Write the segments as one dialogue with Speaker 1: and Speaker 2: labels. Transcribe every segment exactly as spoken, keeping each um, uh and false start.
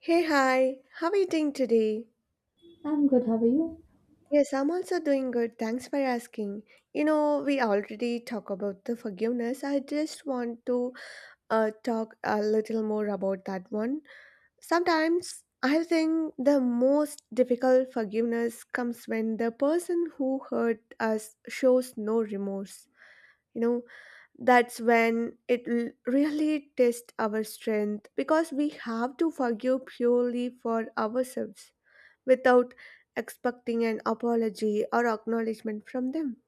Speaker 1: Hey, hi, how are you doing today?
Speaker 2: I'm good, how are you?
Speaker 1: Yes, I'm also doing good. Thanks for asking. You know, we already talk about the forgiveness. I just want to uh, talk a little more about that one. Sometimes I think the most difficult forgiveness comes when the person who hurt us shows no remorse. You know, that's when it l- really tests our strength because we have to forgive purely for ourselves without expecting an apology or acknowledgement from them.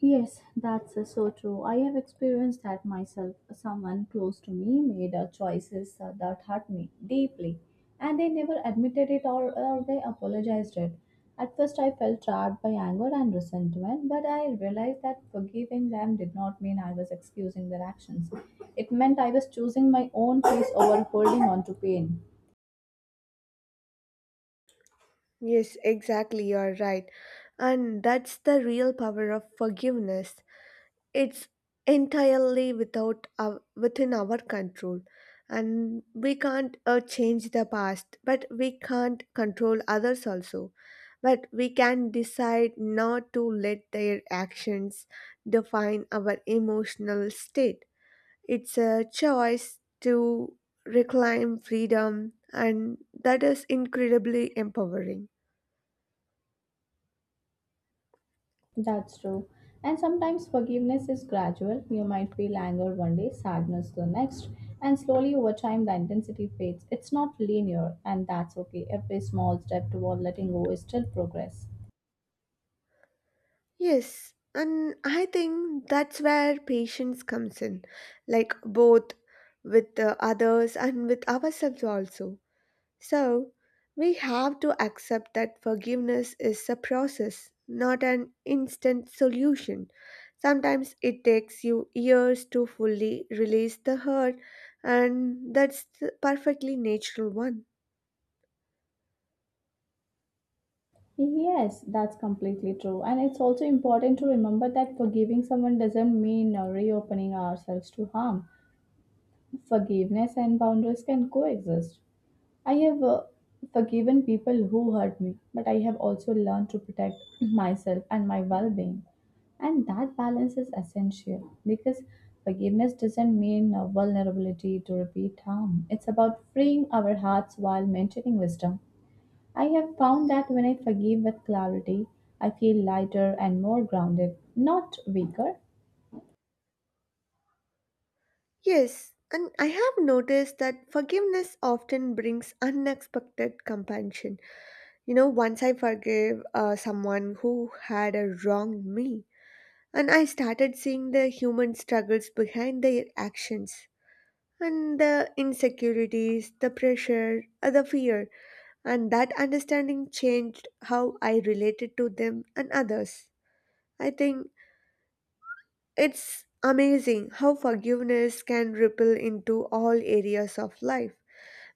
Speaker 2: Yes, that's uh, so true. I have experienced that myself. Someone close to me made uh, choices uh, that hurt me deeply, and they never admitted it or, or they apologized it. At first, I felt trapped by anger and resentment, but I realized that forgiving them did not mean I was excusing their actions. It meant I was choosing my own peace over holding on to pain.
Speaker 1: Yes, exactly, you're right. And that's the real power of forgiveness. It's entirely without our, within our control, and we can't uh, change the past, but we can't control others also, but we can decide not to let their actions define our emotional state. It's a choice to reclaim freedom, and that is incredibly empowering.
Speaker 2: That's true. And sometimes forgiveness is gradual. You might feel anger one day, sadness the next, and slowly over time the intensity fades. It's not linear, and that's okay. Every small step toward letting go is still progress.
Speaker 1: Yes, and I think that's where patience comes in, like both with the others and with ourselves also. So, we have to accept that forgiveness is a process, not an instant solution. Sometimes it takes you years to fully release the hurt, and that's the perfectly natural one.
Speaker 2: Yes, that's completely true. And it's also important to remember that forgiving someone doesn't mean uh, reopening ourselves to harm. Forgiveness and boundaries can coexist. I have uh, forgiven people who hurt me, but I have also learned to protect myself and my well being. And that balance is essential because forgiveness doesn't mean uh, vulnerability to repeat harm. It's about freeing our hearts while maintaining wisdom. I have found that when I forgive with clarity, I feel lighter and more grounded, not weaker.
Speaker 1: Yes, and I have noticed that forgiveness often brings unexpected compassion. You know, once I forgave uh, someone who had uh, wronged me, and I started seeing the human struggles behind their actions, and the insecurities, the pressure, uh, the fear, and that understanding changed how I related to them and others. I think it's amazing how forgiveness can ripple into all areas of life.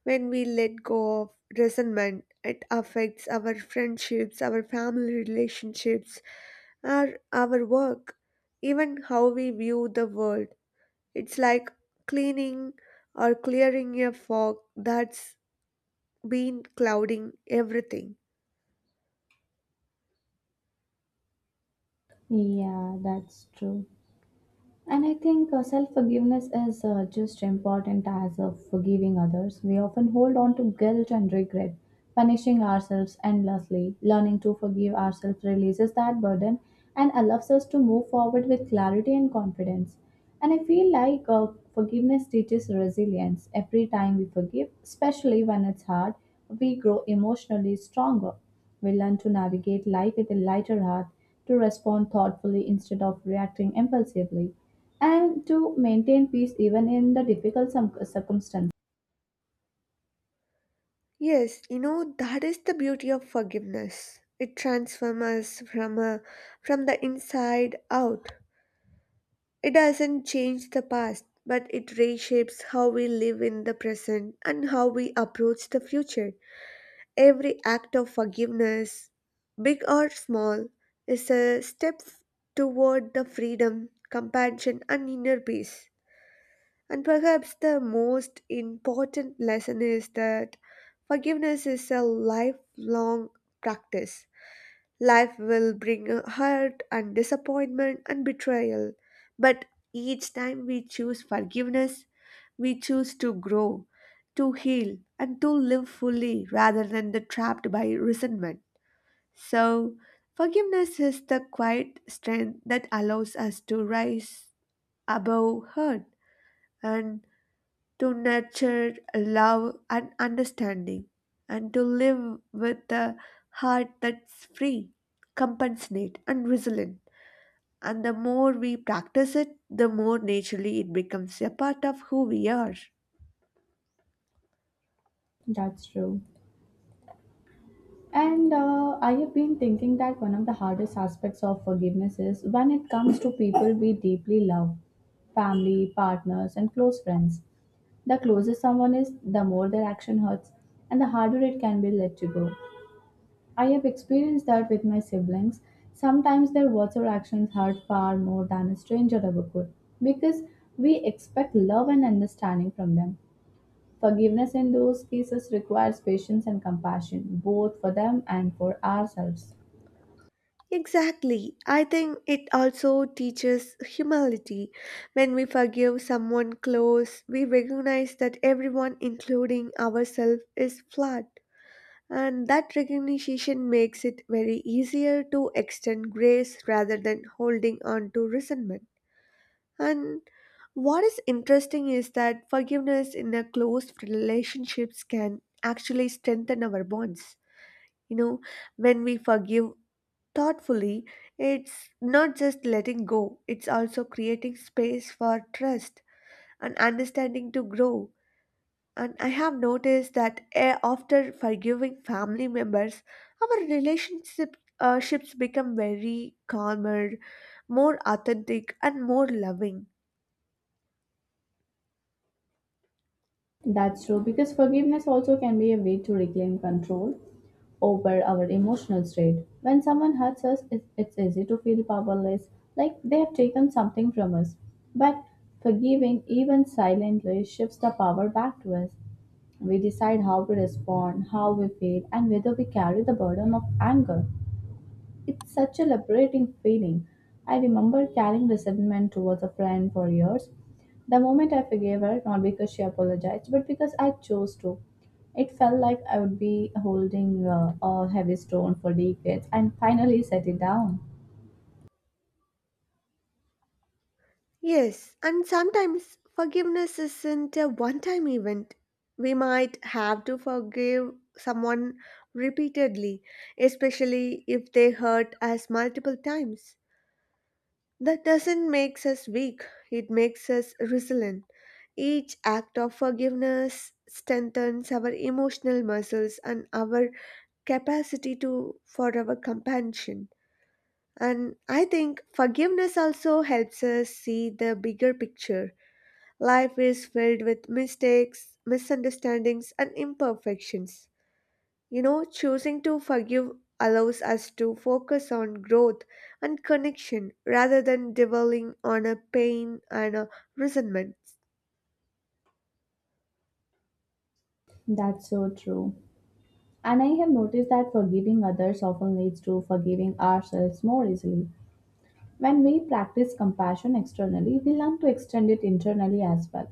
Speaker 1: When we let go of resentment, it affects our friendships, our family relationships, our our work, even how we view the world. It's like cleaning or clearing a fog that's been clouding everything.
Speaker 2: Yeah, that's true. And I think uh, self forgiveness is uh, just important as uh, forgiving others. We often hold on to guilt and regret, punishing ourselves endlessly. Learning to forgive ourselves releases that burden and allows us to move forward with clarity and confidence. And I feel like uh, forgiveness teaches resilience. Every time we forgive, especially when it's hard, we grow emotionally stronger. We learn to navigate life with a lighter heart, to respond thoughtfully instead of reacting impulsively, and to maintain peace even in the difficult some circumstances.
Speaker 1: Yes, you know that is the beauty of forgiveness. It transforms us from a, from the inside out. It doesn't change the past, but it reshapes how we live in the present and how we approach the future. Every act of forgiveness, big or small, is a step toward the freedom, compassion, and inner peace. And perhaps the most important lesson is that forgiveness is a lifelong practice. Life will bring hurt and disappointment and betrayal. But each time we choose forgiveness, we choose to grow, to heal, and to live fully rather than the trapped by resentment. So, forgiveness is the quiet strength that allows us to rise above hurt and to nurture love and understanding, and to live with a heart that's free, compassionate, and resilient. And the more we practice it, the more naturally it becomes a part of who we are.
Speaker 2: That's true. And uh, I have been thinking that one of the hardest aspects of forgiveness is when it comes to people we deeply love family, partners, and close friends. The closer someone is, the more their action hurts, and the harder it can be let to go. I have experienced that with my siblings. Sometimes their words or actions hurt far more than a stranger ever could because we expect love and understanding from them. Forgiveness in those cases requires patience and compassion, both for them and for ourselves.
Speaker 1: Exactly. I think it also teaches humility. When we forgive someone close, we recognize that everyone, including ourselves, is flawed, and that recognition makes it very easier to extend grace rather than holding on to resentment. And what is interesting is that forgiveness in a close relationships can actually strengthen our bonds. You know, when we forgive thoughtfully, it's not just letting go, it's also creating space for trust and understanding to grow. And I have noticed that eh, after forgiving family members, our relationship uh, ships become very calmer, more authentic, and more loving.
Speaker 2: That's true, because forgiveness also can be a way to reclaim control over our emotional state. When someone hurts us, it- it's easy to feel powerless, like they have taken something from us. But forgiving, even silently, shifts the power back to us. We decide how to respond, how we feel, and whether we carry the burden of anger. It's such a liberating feeling. I remember carrying resentment towards a friend for years. The moment I forgave her, not because she apologized, but because I chose to, it felt like I would be holding uh, a heavy stone for decades and finally set it down.
Speaker 1: Yes, and sometimes forgiveness isn't a one time event. We might have to forgive someone repeatedly, especially if they hurt us multiple times. That doesn't make us weak, it makes us resilient. Each act of forgiveness strengthens our emotional muscles and our capacity to for our compassion. And I think forgiveness also helps us see the bigger picture. Life is filled with mistakes, misunderstandings, and imperfections. You know, choosing to forgive allows us to focus on growth and connection rather than dwelling on a pain and a resentment.
Speaker 2: That's so true. And I have noticed that forgiving others often leads to forgiving ourselves more easily. When we practice compassion externally, we learn to extend it internally as well.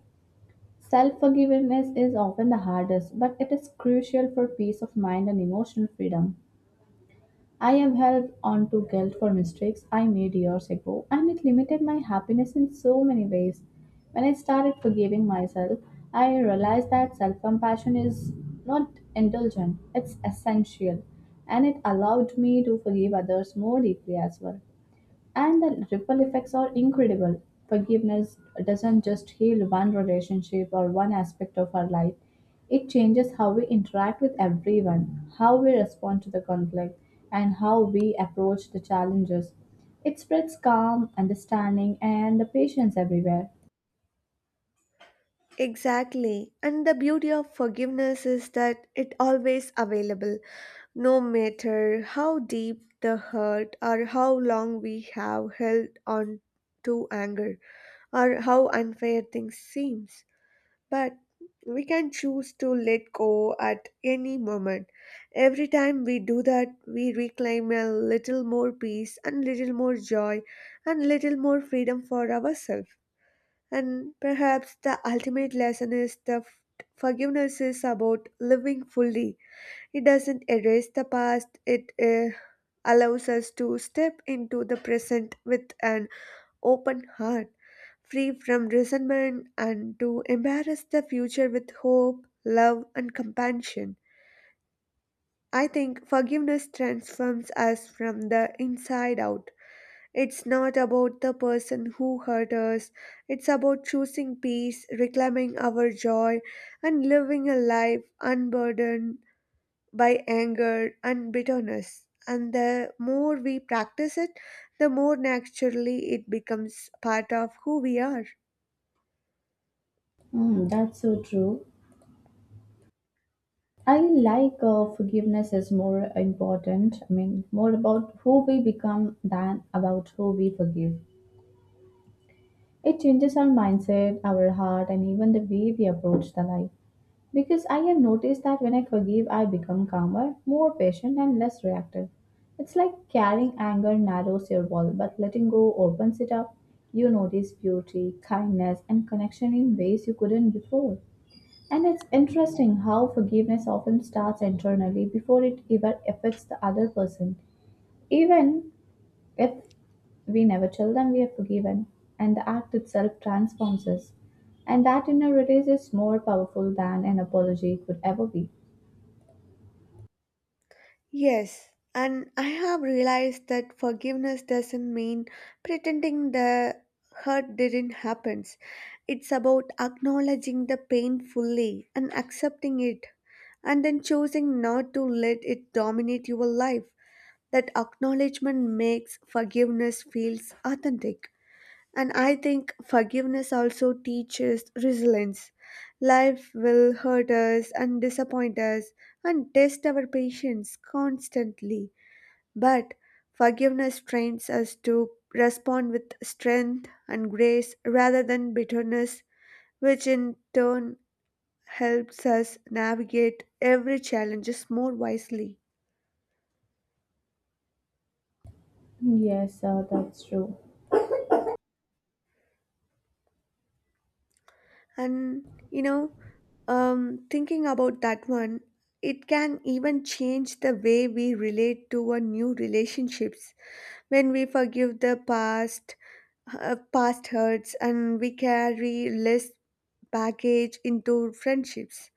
Speaker 2: Self forgiveness is often the hardest, but it is crucial for peace of mind and emotional freedom. I have held on to guilt for mistakes I made years ago, and it limited my happiness in so many ways. When I started forgiving myself, I realized that self compassion is not indulgent, it's essential, and it allowed me to forgive others more deeply as well. And the ripple effects are incredible. Forgiveness doesn't just heal one relationship or one aspect of our life, it changes how we interact with everyone, how we respond to the conflict, and how we approach the challenges. It spreads calm, understanding, and the patience everywhere.
Speaker 1: Exactly. And the beauty of forgiveness is that it always available, no matter how deep the hurt or how long we have held on to anger or how unfair things seems. But we can choose to let go at any moment. Every time we do that, we reclaim a little more peace and little more joy and little more freedom for ourselves. And perhaps the ultimate lesson is that forgiveness is about living fully. It doesn't erase the past, it uh, allows us to step into the present with an open heart, free from resentment, and to embrace the future with hope, love, and compassion. I think forgiveness transforms us from the inside out. It's not about the person who hurt us. It's about choosing peace, reclaiming our joy, and living a life unburdened by anger and bitterness. And the more we practice it, the more naturally it becomes part of who we are.
Speaker 2: Mm, that's so true. I like uh, forgiveness is more important. I mean, more about who we become than about who we forgive. It changes our mindset, our heart, and even the way we approach the life. Because I have noticed that when I forgive, I become calmer, more patient, and less reactive. It's like carrying anger narrows your world, but letting go opens it up. You notice beauty, kindness, and connection in ways you couldn't before. And it's interesting how forgiveness often starts internally before it ever affects the other person. Even if we never tell them we are forgiven, and the act itself transforms us, and that inner release is more powerful than an apology could ever be.
Speaker 1: Yes, and I have realized that forgiveness doesn't mean pretending the hurt didn't happen. It's about acknowledging the pain fully and accepting it, and then choosing not to let it dominate your life. That acknowledgement makes forgiveness feels authentic. And I think forgiveness also teaches resilience. Life will hurt us and disappoint us and test our patience constantly. But forgiveness trains us to respond with strength and grace rather than bitterness, which in turn helps us navigate every challenges more wisely.
Speaker 2: Yes, sir, that's true.
Speaker 1: And you know, um, thinking about that one, it can even change the way we relate to our new relationships. When we forgive the past uh, past hurts and we carry less baggage into friendships,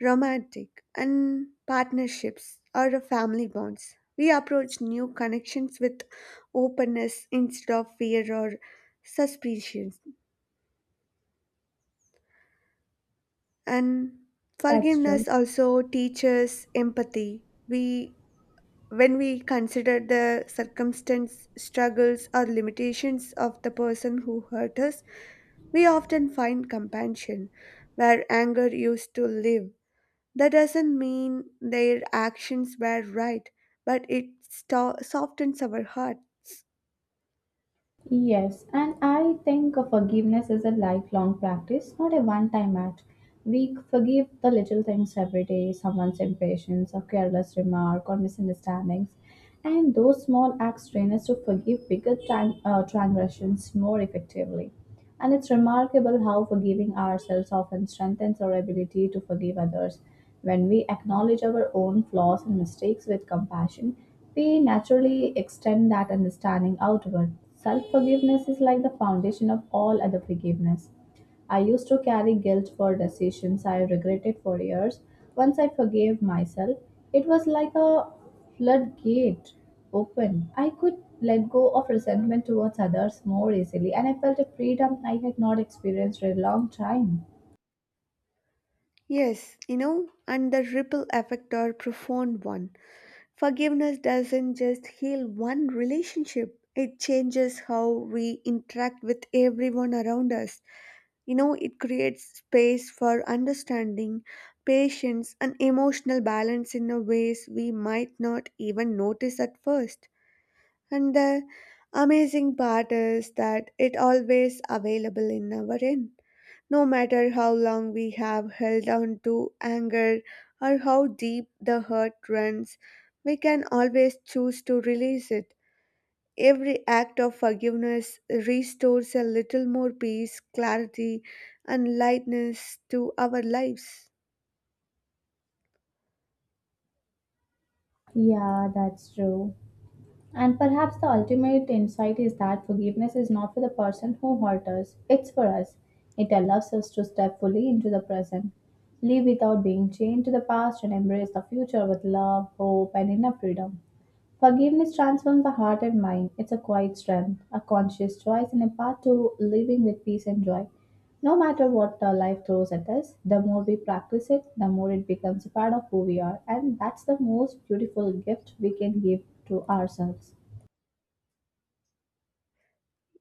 Speaker 1: romantic and partnerships or family bonds, we approach new connections with openness instead of fear or suspicion. And
Speaker 2: That's true.
Speaker 1: forgiveness also teaches empathy. We When we consider the circumstance, struggles or limitations of the person who hurt us, we often find compassion where anger used to live. That doesn't mean their actions were right, but it sto- softens our hearts.
Speaker 2: Yes, and I think of forgiveness is a lifelong practice, not a one time act. We forgive the little things every day someone's impatience, a careless remark, or misunderstandings. And those small acts train us to forgive bigger tran- uh, transgressions more effectively. And it's remarkable how forgiving ourselves often strengthens our ability to forgive others. When we acknowledge our own flaws and mistakes with compassion, we naturally extend that understanding outward. Self forgiveness is like the foundation of all other forgiveness. I used to carry guilt for decisions I regretted for years. Once I forgave myself, it was like a floodgate open. I could let go of resentment towards others more easily, and I felt a freedom I had not experienced for a long time.
Speaker 1: Yes, you know, and the ripple effect are profound one. Forgiveness doesn't just heal one relationship, it changes how we interact with everyone around us. You know, it creates space for understanding, patience, and emotional balance in a ways we might not even notice at first. And the amazing part is that it always available in our end. No matter how long we have held on to anger or how deep the hurt runs, we can always choose to release it. Every act of forgiveness restores a little more peace, clarity, and lightness to our lives.
Speaker 2: Yeah, that's true. And perhaps the ultimate insight is that forgiveness is not for the person who hurt us, it's for us. It allows us to step fully into the present, live without being chained to the past, and embrace the future with love, hope, and inner freedom. Forgiveness transforms the heart and mind. It's a quiet strength, a conscious choice, and a path to living with peace and joy. No matter what uh, life throws at us, the more we practice it, the more it becomes a part of who we are. And that's the most beautiful gift we can give to ourselves.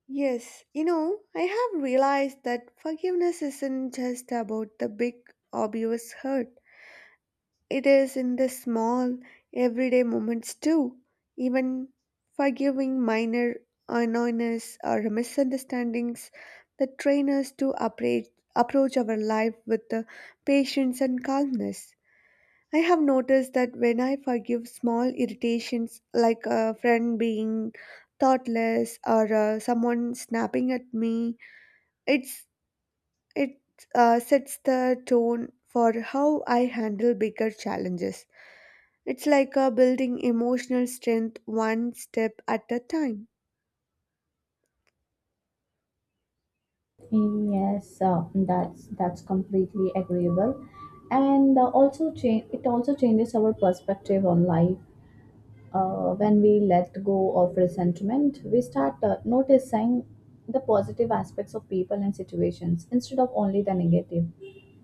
Speaker 1: Yes, you know, I have realized that forgiveness isn't just about the big, obvious hurt. It is in the small, everyday moments too, even forgiving minor annoyances or misunderstandings that train us to approach, approach our life with the patience and calmness. I have noticed that when I forgive small irritations like a friend being thoughtless or uh, someone snapping at me, it's it uh, sets the tone for how I handle bigger challenges. It's like a building emotional strength one step at a time.
Speaker 2: Yes, uh, that's that's completely agreeable, and uh, also change it also changes our perspective on life. Uh, when we let go of resentment, we start uh, noticing the positive aspects of people and situations instead of only the negative.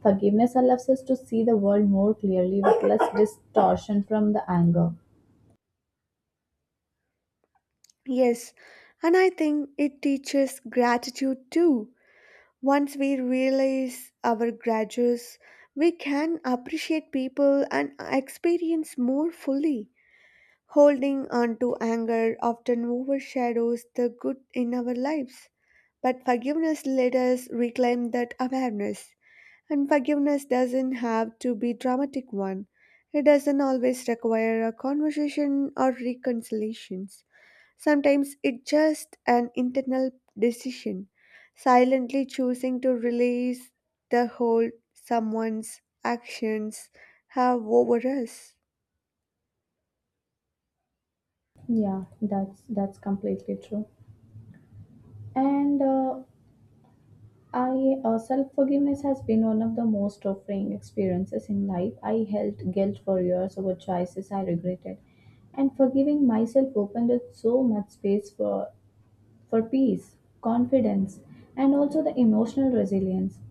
Speaker 2: Forgiveness allows us to see the world more clearly with less distortion from the anger.
Speaker 1: Yes, and I think it teaches gratitude too. Once we realize our grudges, we can appreciate people and experience more fully. Holding on to anger often overshadows the good in our lives, but forgiveness let us reclaim that awareness. And forgiveness doesn't have to be dramatic one. It doesn't always require a conversation or reconciliations. Sometimes it's just an internal decision, silently choosing to release the hold someone's actions have over us.
Speaker 2: Yeah, that's that's completely true. And uh, I uh, self forgiveness has been one of the most offering experiences in life. I held guilt for years over choices I regretted, and forgiving myself opened up so much space for for peace, confidence, and also the emotional resilience.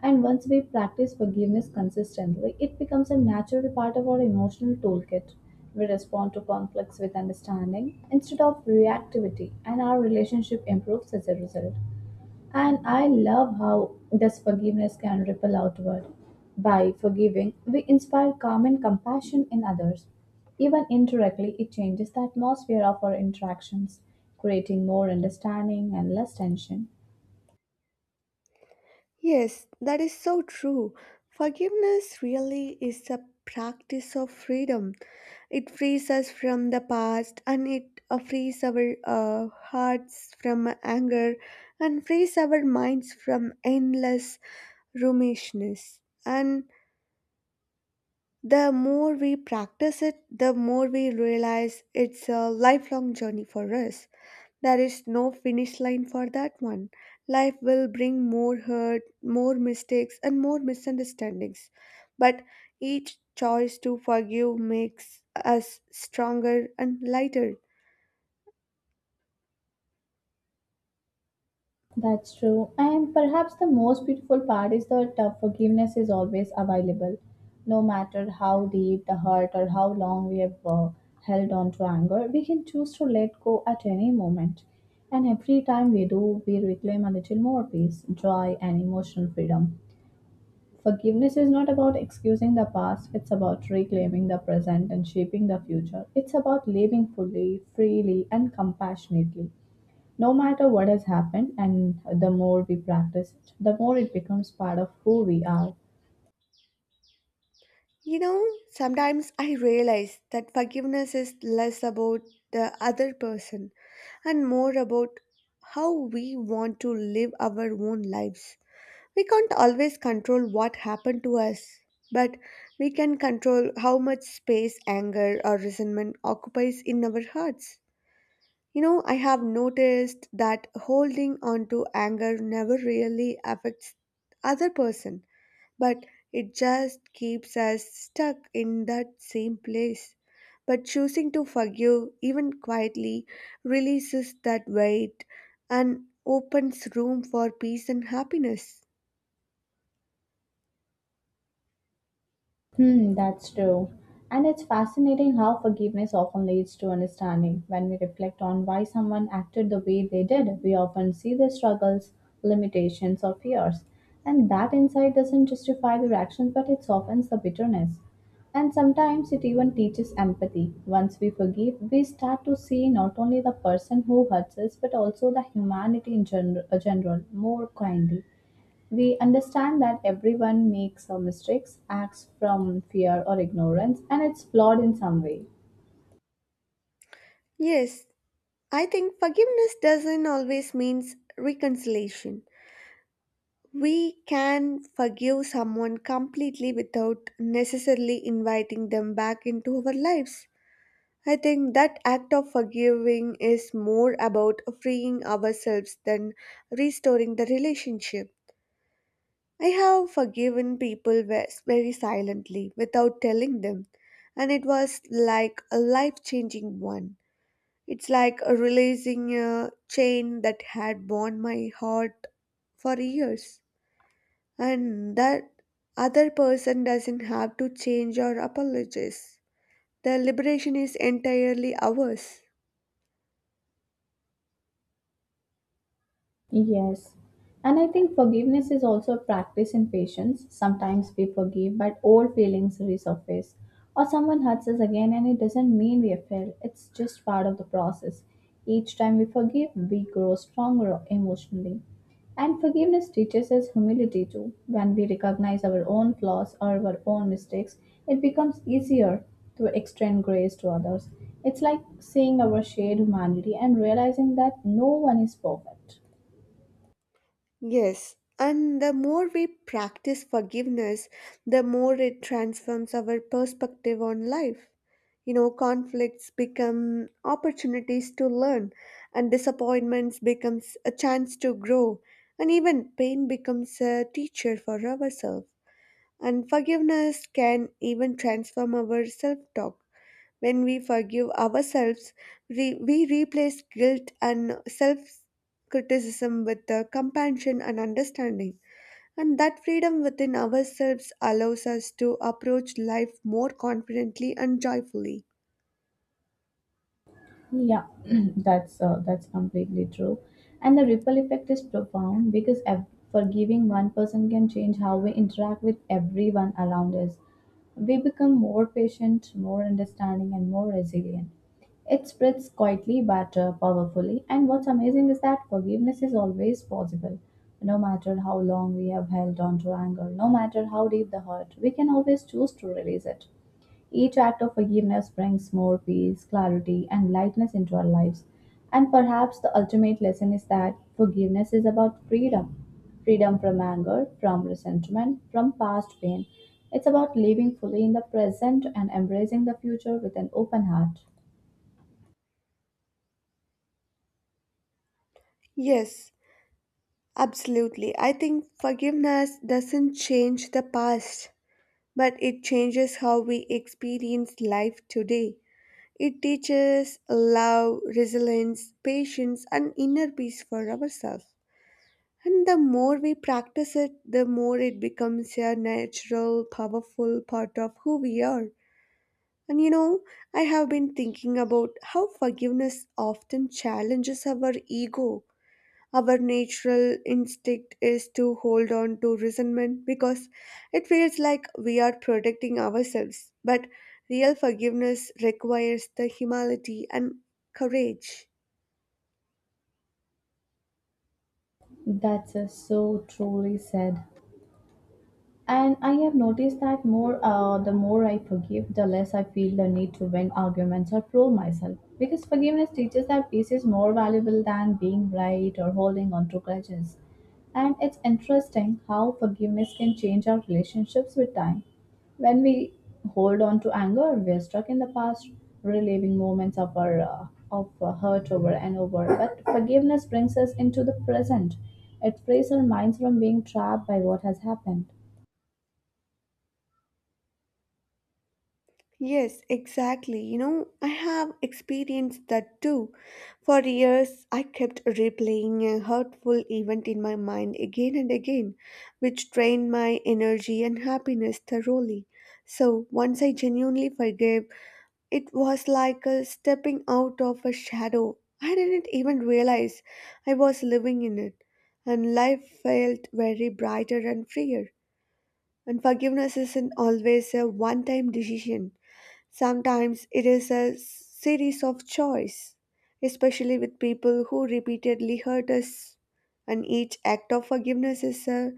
Speaker 2: And once we practice forgiveness consistently, it becomes a natural part of our emotional toolkit. We respond to conflicts with understanding instead of reactivity, and our relationship improves as a result. And I love how this forgiveness can ripple outward. By forgiving, we inspire calm and compassion in others. Even indirectly, it changes the atmosphere of our interactions, creating more understanding and less tension.
Speaker 1: Yes, that is so true. Forgiveness really is a practice of freedom. It frees us from the past, and it uh, frees our uh, hearts from anger and frees our minds from endless ruminations. And the more we practice it, the more we realize it's a lifelong journey for us. There is no finish line for that one. Life will bring more hurt, more mistakes, and more misunderstandings. But each choice to forgive makes us stronger and lighter.
Speaker 2: That's true. And perhaps the most beautiful part is that uh, forgiveness is always available, no matter how deep the hurt or how long we have uh, held on to anger. We can choose to let go at any moment. And every time we do, we reclaim a little more peace, joy, and emotional freedom. Forgiveness is not about excusing the past, it's about reclaiming the present and shaping the future. It's about living fully, freely, and compassionately. No matter what has happened, and the more we practice it, the more it becomes part of who we are.
Speaker 1: You know, sometimes I realize that forgiveness is less about the other person and more about how we want to live our own lives. We can't always control what happened to us, but we can control how much space anger or resentment occupies in our hearts. You know, I have noticed that holding on to anger never really affects other person, but it just keeps us stuck in that same place. But choosing to forgive, even quietly, releases that weight and opens room for peace and happiness.
Speaker 2: Hmm, that's true. And it's fascinating how forgiveness often leads to understanding. When we reflect on why someone acted the way they did, we often see their struggles, limitations, or fears. And that insight doesn't justify their actions, but it softens the bitterness. And sometimes it even teaches empathy. Once we forgive, we start to see not only the person who hurts us, but also the humanity in gener- uh, general more kindly. We understand that everyone makes uh, mistakes, acts from fear or ignorance, and it's flawed in some way.
Speaker 1: Yes, I think forgiveness doesn't always means reconciliation. We can forgive someone completely without necessarily inviting them back into our lives. I think that act of forgiving is more about freeing ourselves than restoring the relationship. I have forgiven people ve- very silently without telling them, and it was like a life changing one. It's like releasing a chain that had bound my heart for years, and that other person doesn't have to change or apologize. The liberation is entirely ours.
Speaker 2: Yes. And I think forgiveness is also a practice in patience. Sometimes we forgive, but old feelings resurface. Or someone hurts us again, and it doesn't mean we have failed. It's just part of the process. Each time we forgive, we grow stronger emotionally. And forgiveness teaches us humility too. When we recognize our own flaws or our own mistakes, it becomes easier to extend grace to others. It's like seeing our shared humanity and realizing that no one is perfect.
Speaker 1: Yes, and the more we practice forgiveness, the more it transforms our perspective on life. You know, conflicts become opportunities to learn, and disappointments becomes a chance to grow, and even pain becomes a teacher for ourselves. And forgiveness can even transform our self-talk. When we forgive ourselves, we, we replace guilt and self criticism with uh, compassion and understanding. And that freedom within ourselves allows us to approach life more confidently and joyfully.
Speaker 2: Yeah, that's uh, that's completely true, and the ripple effect is profound because ev- forgiving one person can change how we interact with everyone around us. We become more patient, more understanding, and more resilient. It spreads quietly but uh, powerfully, and what's amazing is that forgiveness is always possible. No matter how long we have held on to anger, no matter how deep the hurt, we can always choose to release it. Each act of forgiveness brings more peace, clarity, and lightness into our lives. And perhaps the ultimate lesson is that forgiveness is about freedom — freedom from anger, from resentment, from past pain. It's about living fully in the present and embracing the future with an open heart.
Speaker 1: Yes, absolutely. I think forgiveness doesn't change the past, but it changes how we experience life today. It teaches love, resilience, patience, and inner peace for ourselves. And the more we practice it, the more it becomes a natural, powerful part of who we are. And you know, I have been thinking about how forgiveness often challenges our ego. Our natural instinct is to hold on to resentment because it feels like we are protecting ourselves. But real forgiveness requires the humility and courage.
Speaker 2: That's uh, so truly said. And I have noticed that more uh, the more I forgive, the less I feel the need to win arguments or prove myself, because forgiveness teaches that peace is more valuable than being right or holding on to grudges. And it's interesting how forgiveness can change our relationships with time. When we hold on to anger, we're stuck in the past, reliving moments of our uh, of uh, hurt over and over. But forgiveness brings us into the present. It frees our minds from being trapped by what has happened.
Speaker 1: Yes, exactly. You know, I have experienced that too. For years, I kept replaying a hurtful event in my mind again and again, which drained my energy and happiness thoroughly. So, once I genuinely forgave, it was like a stepping out of a shadow. I didn't even realize I was living in it, and life felt very brighter and freer. And forgiveness isn't always a one time decision. Sometimes it is a series of choice, especially with people who repeatedly hurt us, and each act of forgiveness is a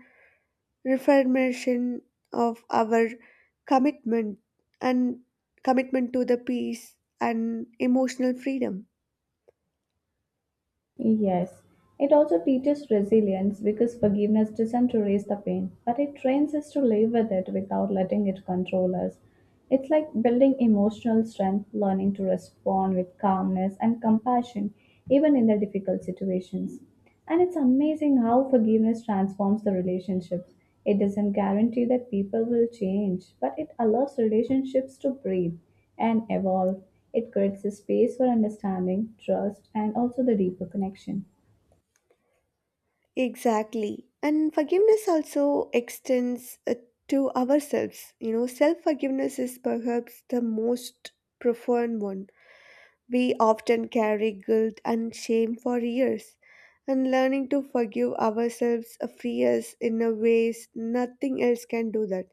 Speaker 1: reaffirmation of our commitment and commitment to the peace and emotional freedom.
Speaker 2: Yes, it also teaches resilience, because forgiveness doesn't erase the pain, but it trains us to live with it without letting it control us. It's like building emotional strength, learning to respond with calmness and compassion, even in the difficult situations. And it's amazing how forgiveness transforms the relationships. It doesn't guarantee that people will change, but it allows relationships to breathe and evolve. It creates a space for understanding, trust, and also the deeper connection.
Speaker 1: Exactly. And forgiveness also extends uh, to ourselves. You know, self forgiveness is perhaps the most profound one. We often carry guilt and shame for years, and learning to forgive ourselves free us in a ways nothing else can do that.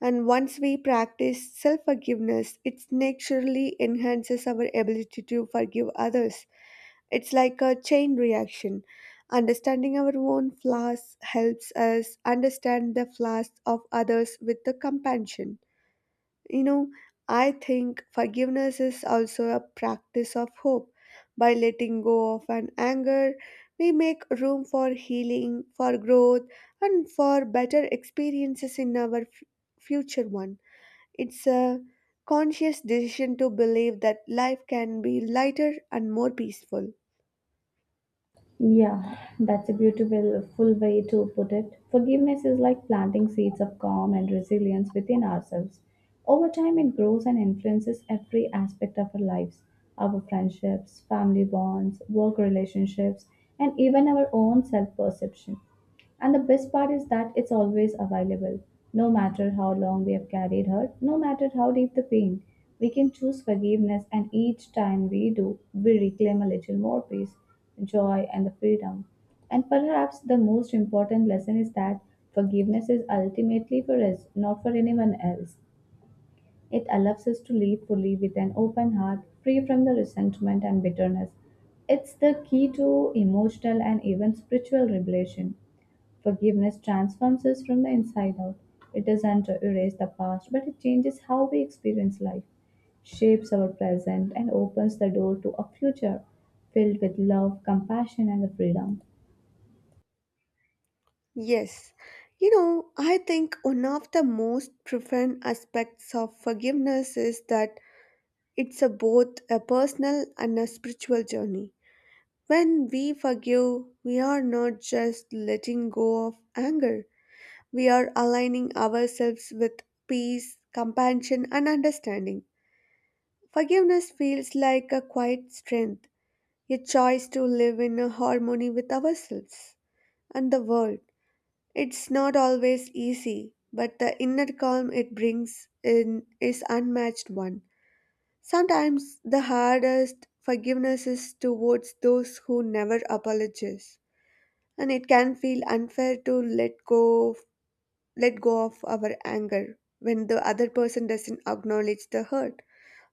Speaker 1: And once we practice self forgiveness, it naturally enhances our ability to forgive others. It's like a chain reaction. Understanding our own flaws helps us understand the flaws of others with the compassion. You know, I think forgiveness is also a practice of hope. By letting go of an anger, we make room for healing, for growth, and for better experiences in our f- future one. It's a conscious decision to believe that life can be lighter and more peaceful.
Speaker 2: Yeah, that's a beautiful full way to put it. Forgiveness is like planting seeds of calm and resilience within ourselves. Over time, it grows and influences every aspect of our lives — our friendships, family bonds, work relationships, and even our own self perception. And the best part is that it's always available. No matter how long we have carried hurt, no matter how deep the pain, we can choose forgiveness, and each time we do, we reclaim a little more peace, joy, and the freedom. And perhaps the most important lesson is that forgiveness is ultimately for us, not for anyone else. It allows us to live fully with an open heart, free from the resentment and bitterness. It's the key to emotional and even spiritual revelation. Forgiveness transforms us from the inside out. It doesn't erase the past, but it changes how we experience life, shapes our present, and opens the door to a future filled with love, compassion, and freedom.
Speaker 1: Yes. You know, I think one of the most profound aspects of forgiveness is that it's a both a personal and a spiritual journey. When we forgive, we are not just letting go of anger, we are aligning ourselves with peace, compassion, and understanding. Forgiveness feels like a quiet strength, a choice to live in a harmony with ourselves and the world. It's not always easy, but the inner calm it brings in is unmatched one. Sometimes the hardest forgiveness is towards those who never apologize, and it can feel unfair to let go of, let go of our anger when the other person doesn't acknowledge the hurt.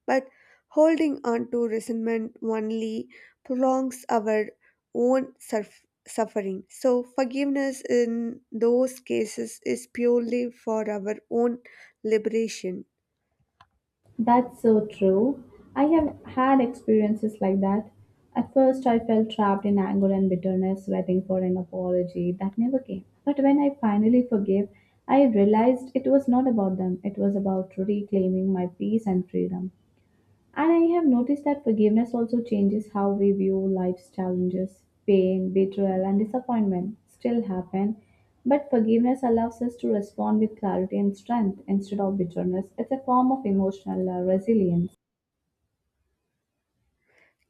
Speaker 1: But holding on to resentment only prolongs our own surf- suffering. So forgiveness in those cases is purely for our own liberation.
Speaker 2: That's so true. I have had experiences like that. At first, I felt trapped in anger and bitterness, waiting for an apology that never came. But when I finally forgave, I realized it was not about them, it was about reclaiming my peace and freedom. And I have noticed that forgiveness also changes how we view life's challenges. Pain, betrayal, and disappointment still happen, but forgiveness allows us to respond with clarity and strength instead of bitterness. It's a form of emotional uh, resilience.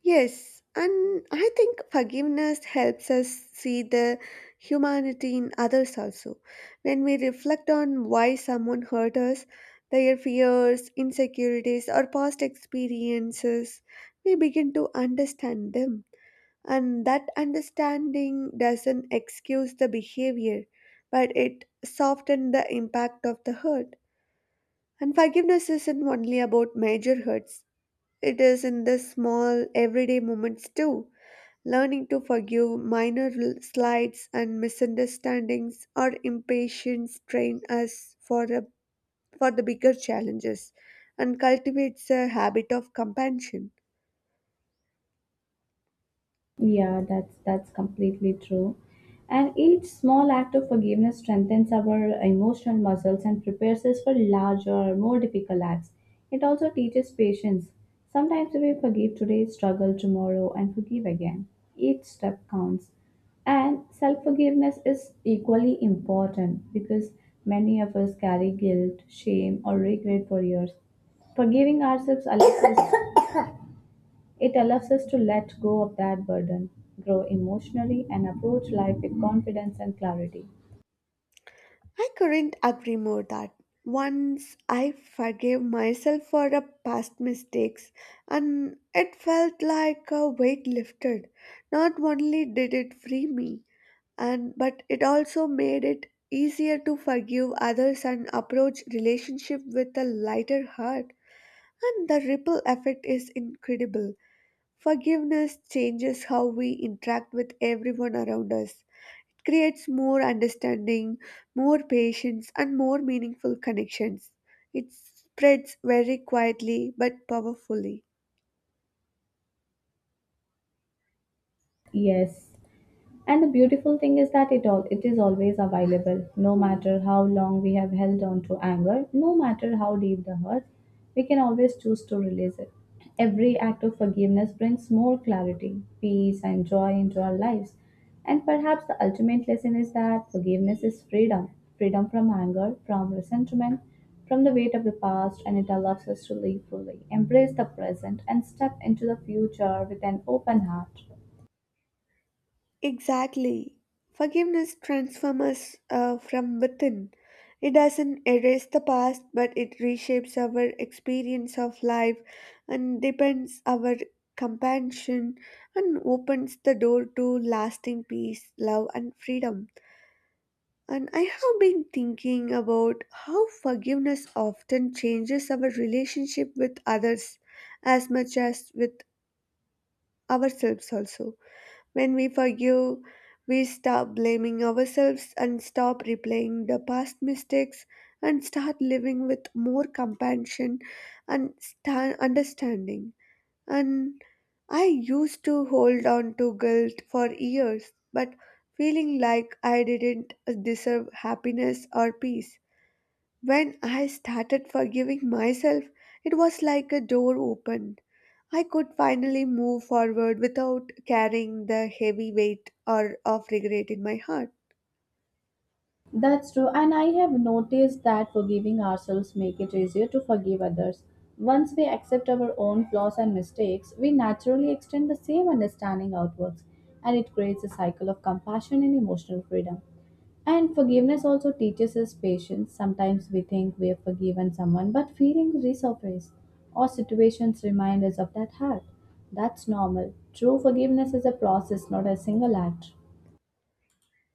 Speaker 1: Yes, and I think forgiveness helps us see the humanity in others also. When we reflect on why someone hurt us, their fears, insecurities, or past experiences, we begin to understand them. And that understanding doesn't excuse the behavior, but it softens the impact of the hurt. And forgiveness isn't only about major hurts, it is in the small, everyday moments too. Learning to forgive minor l- slights and misunderstandings or impatience train us for, a, for the bigger challenges and cultivates a habit of compassion.
Speaker 2: Yeah, that's that's completely true. And each small act of forgiveness strengthens our emotional muscles and prepares us for larger, more difficult acts. It also teaches patience. Sometimes we forgive today, struggle tomorrow, and forgive again. Each step counts. And self forgiveness is equally important, because many of us carry guilt, shame, or regret for years. Forgiving ourselves allows us It allows us to let go of that burden, grow emotionally, and approach life with confidence and clarity.
Speaker 1: I couldn't agree more that once I forgave myself for a past mistakes and it felt like a weight lifted. Not only did it free me, and but it also made it easier to forgive others and approach relationship with a lighter heart, and the ripple effect is incredible. Forgiveness changes how we interact with everyone around us. It creates more understanding, more patience, and more meaningful connections. It spreads very quietly but powerfully.
Speaker 2: Yes, and the beautiful thing is that it all it is always available. No matter how long we have held on to anger, no matter how deep the hurt, we can always choose to release it. Every act of forgiveness brings more clarity, peace, and joy into our lives. And perhaps the ultimate lesson is that forgiveness is freedom — freedom from anger, from resentment, from the weight of the past, and it allows us to live fully, embrace the present, and step into the future with an open heart.
Speaker 1: Exactly. Forgiveness transforms us uh, from within. It doesn't erase the past, but it reshapes our experience of life and deepens our compassion and opens the door to lasting peace, love, and freedom. And I have been thinking about how forgiveness often changes our relationship with others as much as with ourselves, also. When we forgive, we stop blaming ourselves and stop replaying the past mistakes and start living with more compassion and sta- understanding. And I used to hold on to guilt for years, but feeling like I didn't deserve happiness or peace. When I started forgiving myself, it was like a door opened. I could finally move forward without carrying the heavy weight or of regret in my heart.
Speaker 2: That's true, and I have noticed that forgiving ourselves make it easier to forgive others. Once we accept our own flaws and mistakes, we naturally extend the same understanding outwards, and it creates a cycle of compassion and emotional freedom. And forgiveness also teaches us patience. Sometimes we think we have forgiven someone, but feelings resurface, or situations remind us of that hurt. That's normal. True forgiveness is a process, not a single act.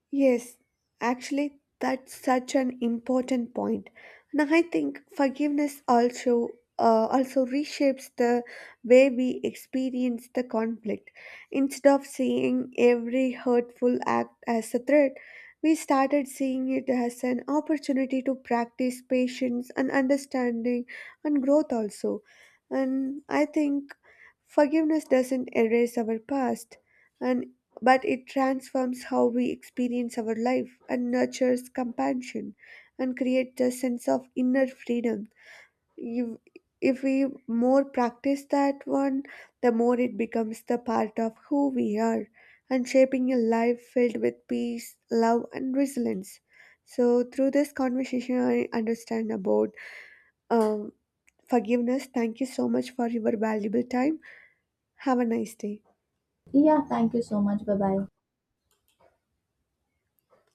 Speaker 1: Yes, actually, that's such an important point. And I think forgiveness also uh, also reshapes the way we experience the conflict. Instead of seeing every hurtful act as a threat, we started seeing it as an opportunity to practice patience and understanding and growth also. And I think forgiveness doesn't erase our past and but it transforms how we experience our life and nurtures compassion and creates a sense of inner freedom. You, if we more practice that one, the more it becomes the part of who we are and shaping a life filled with peace, love, and resilience. So, through this conversation, I understand about um, forgiveness. Thank you so much for your valuable time. Have a nice day.
Speaker 2: Yeah, thank you so much. Bye bye.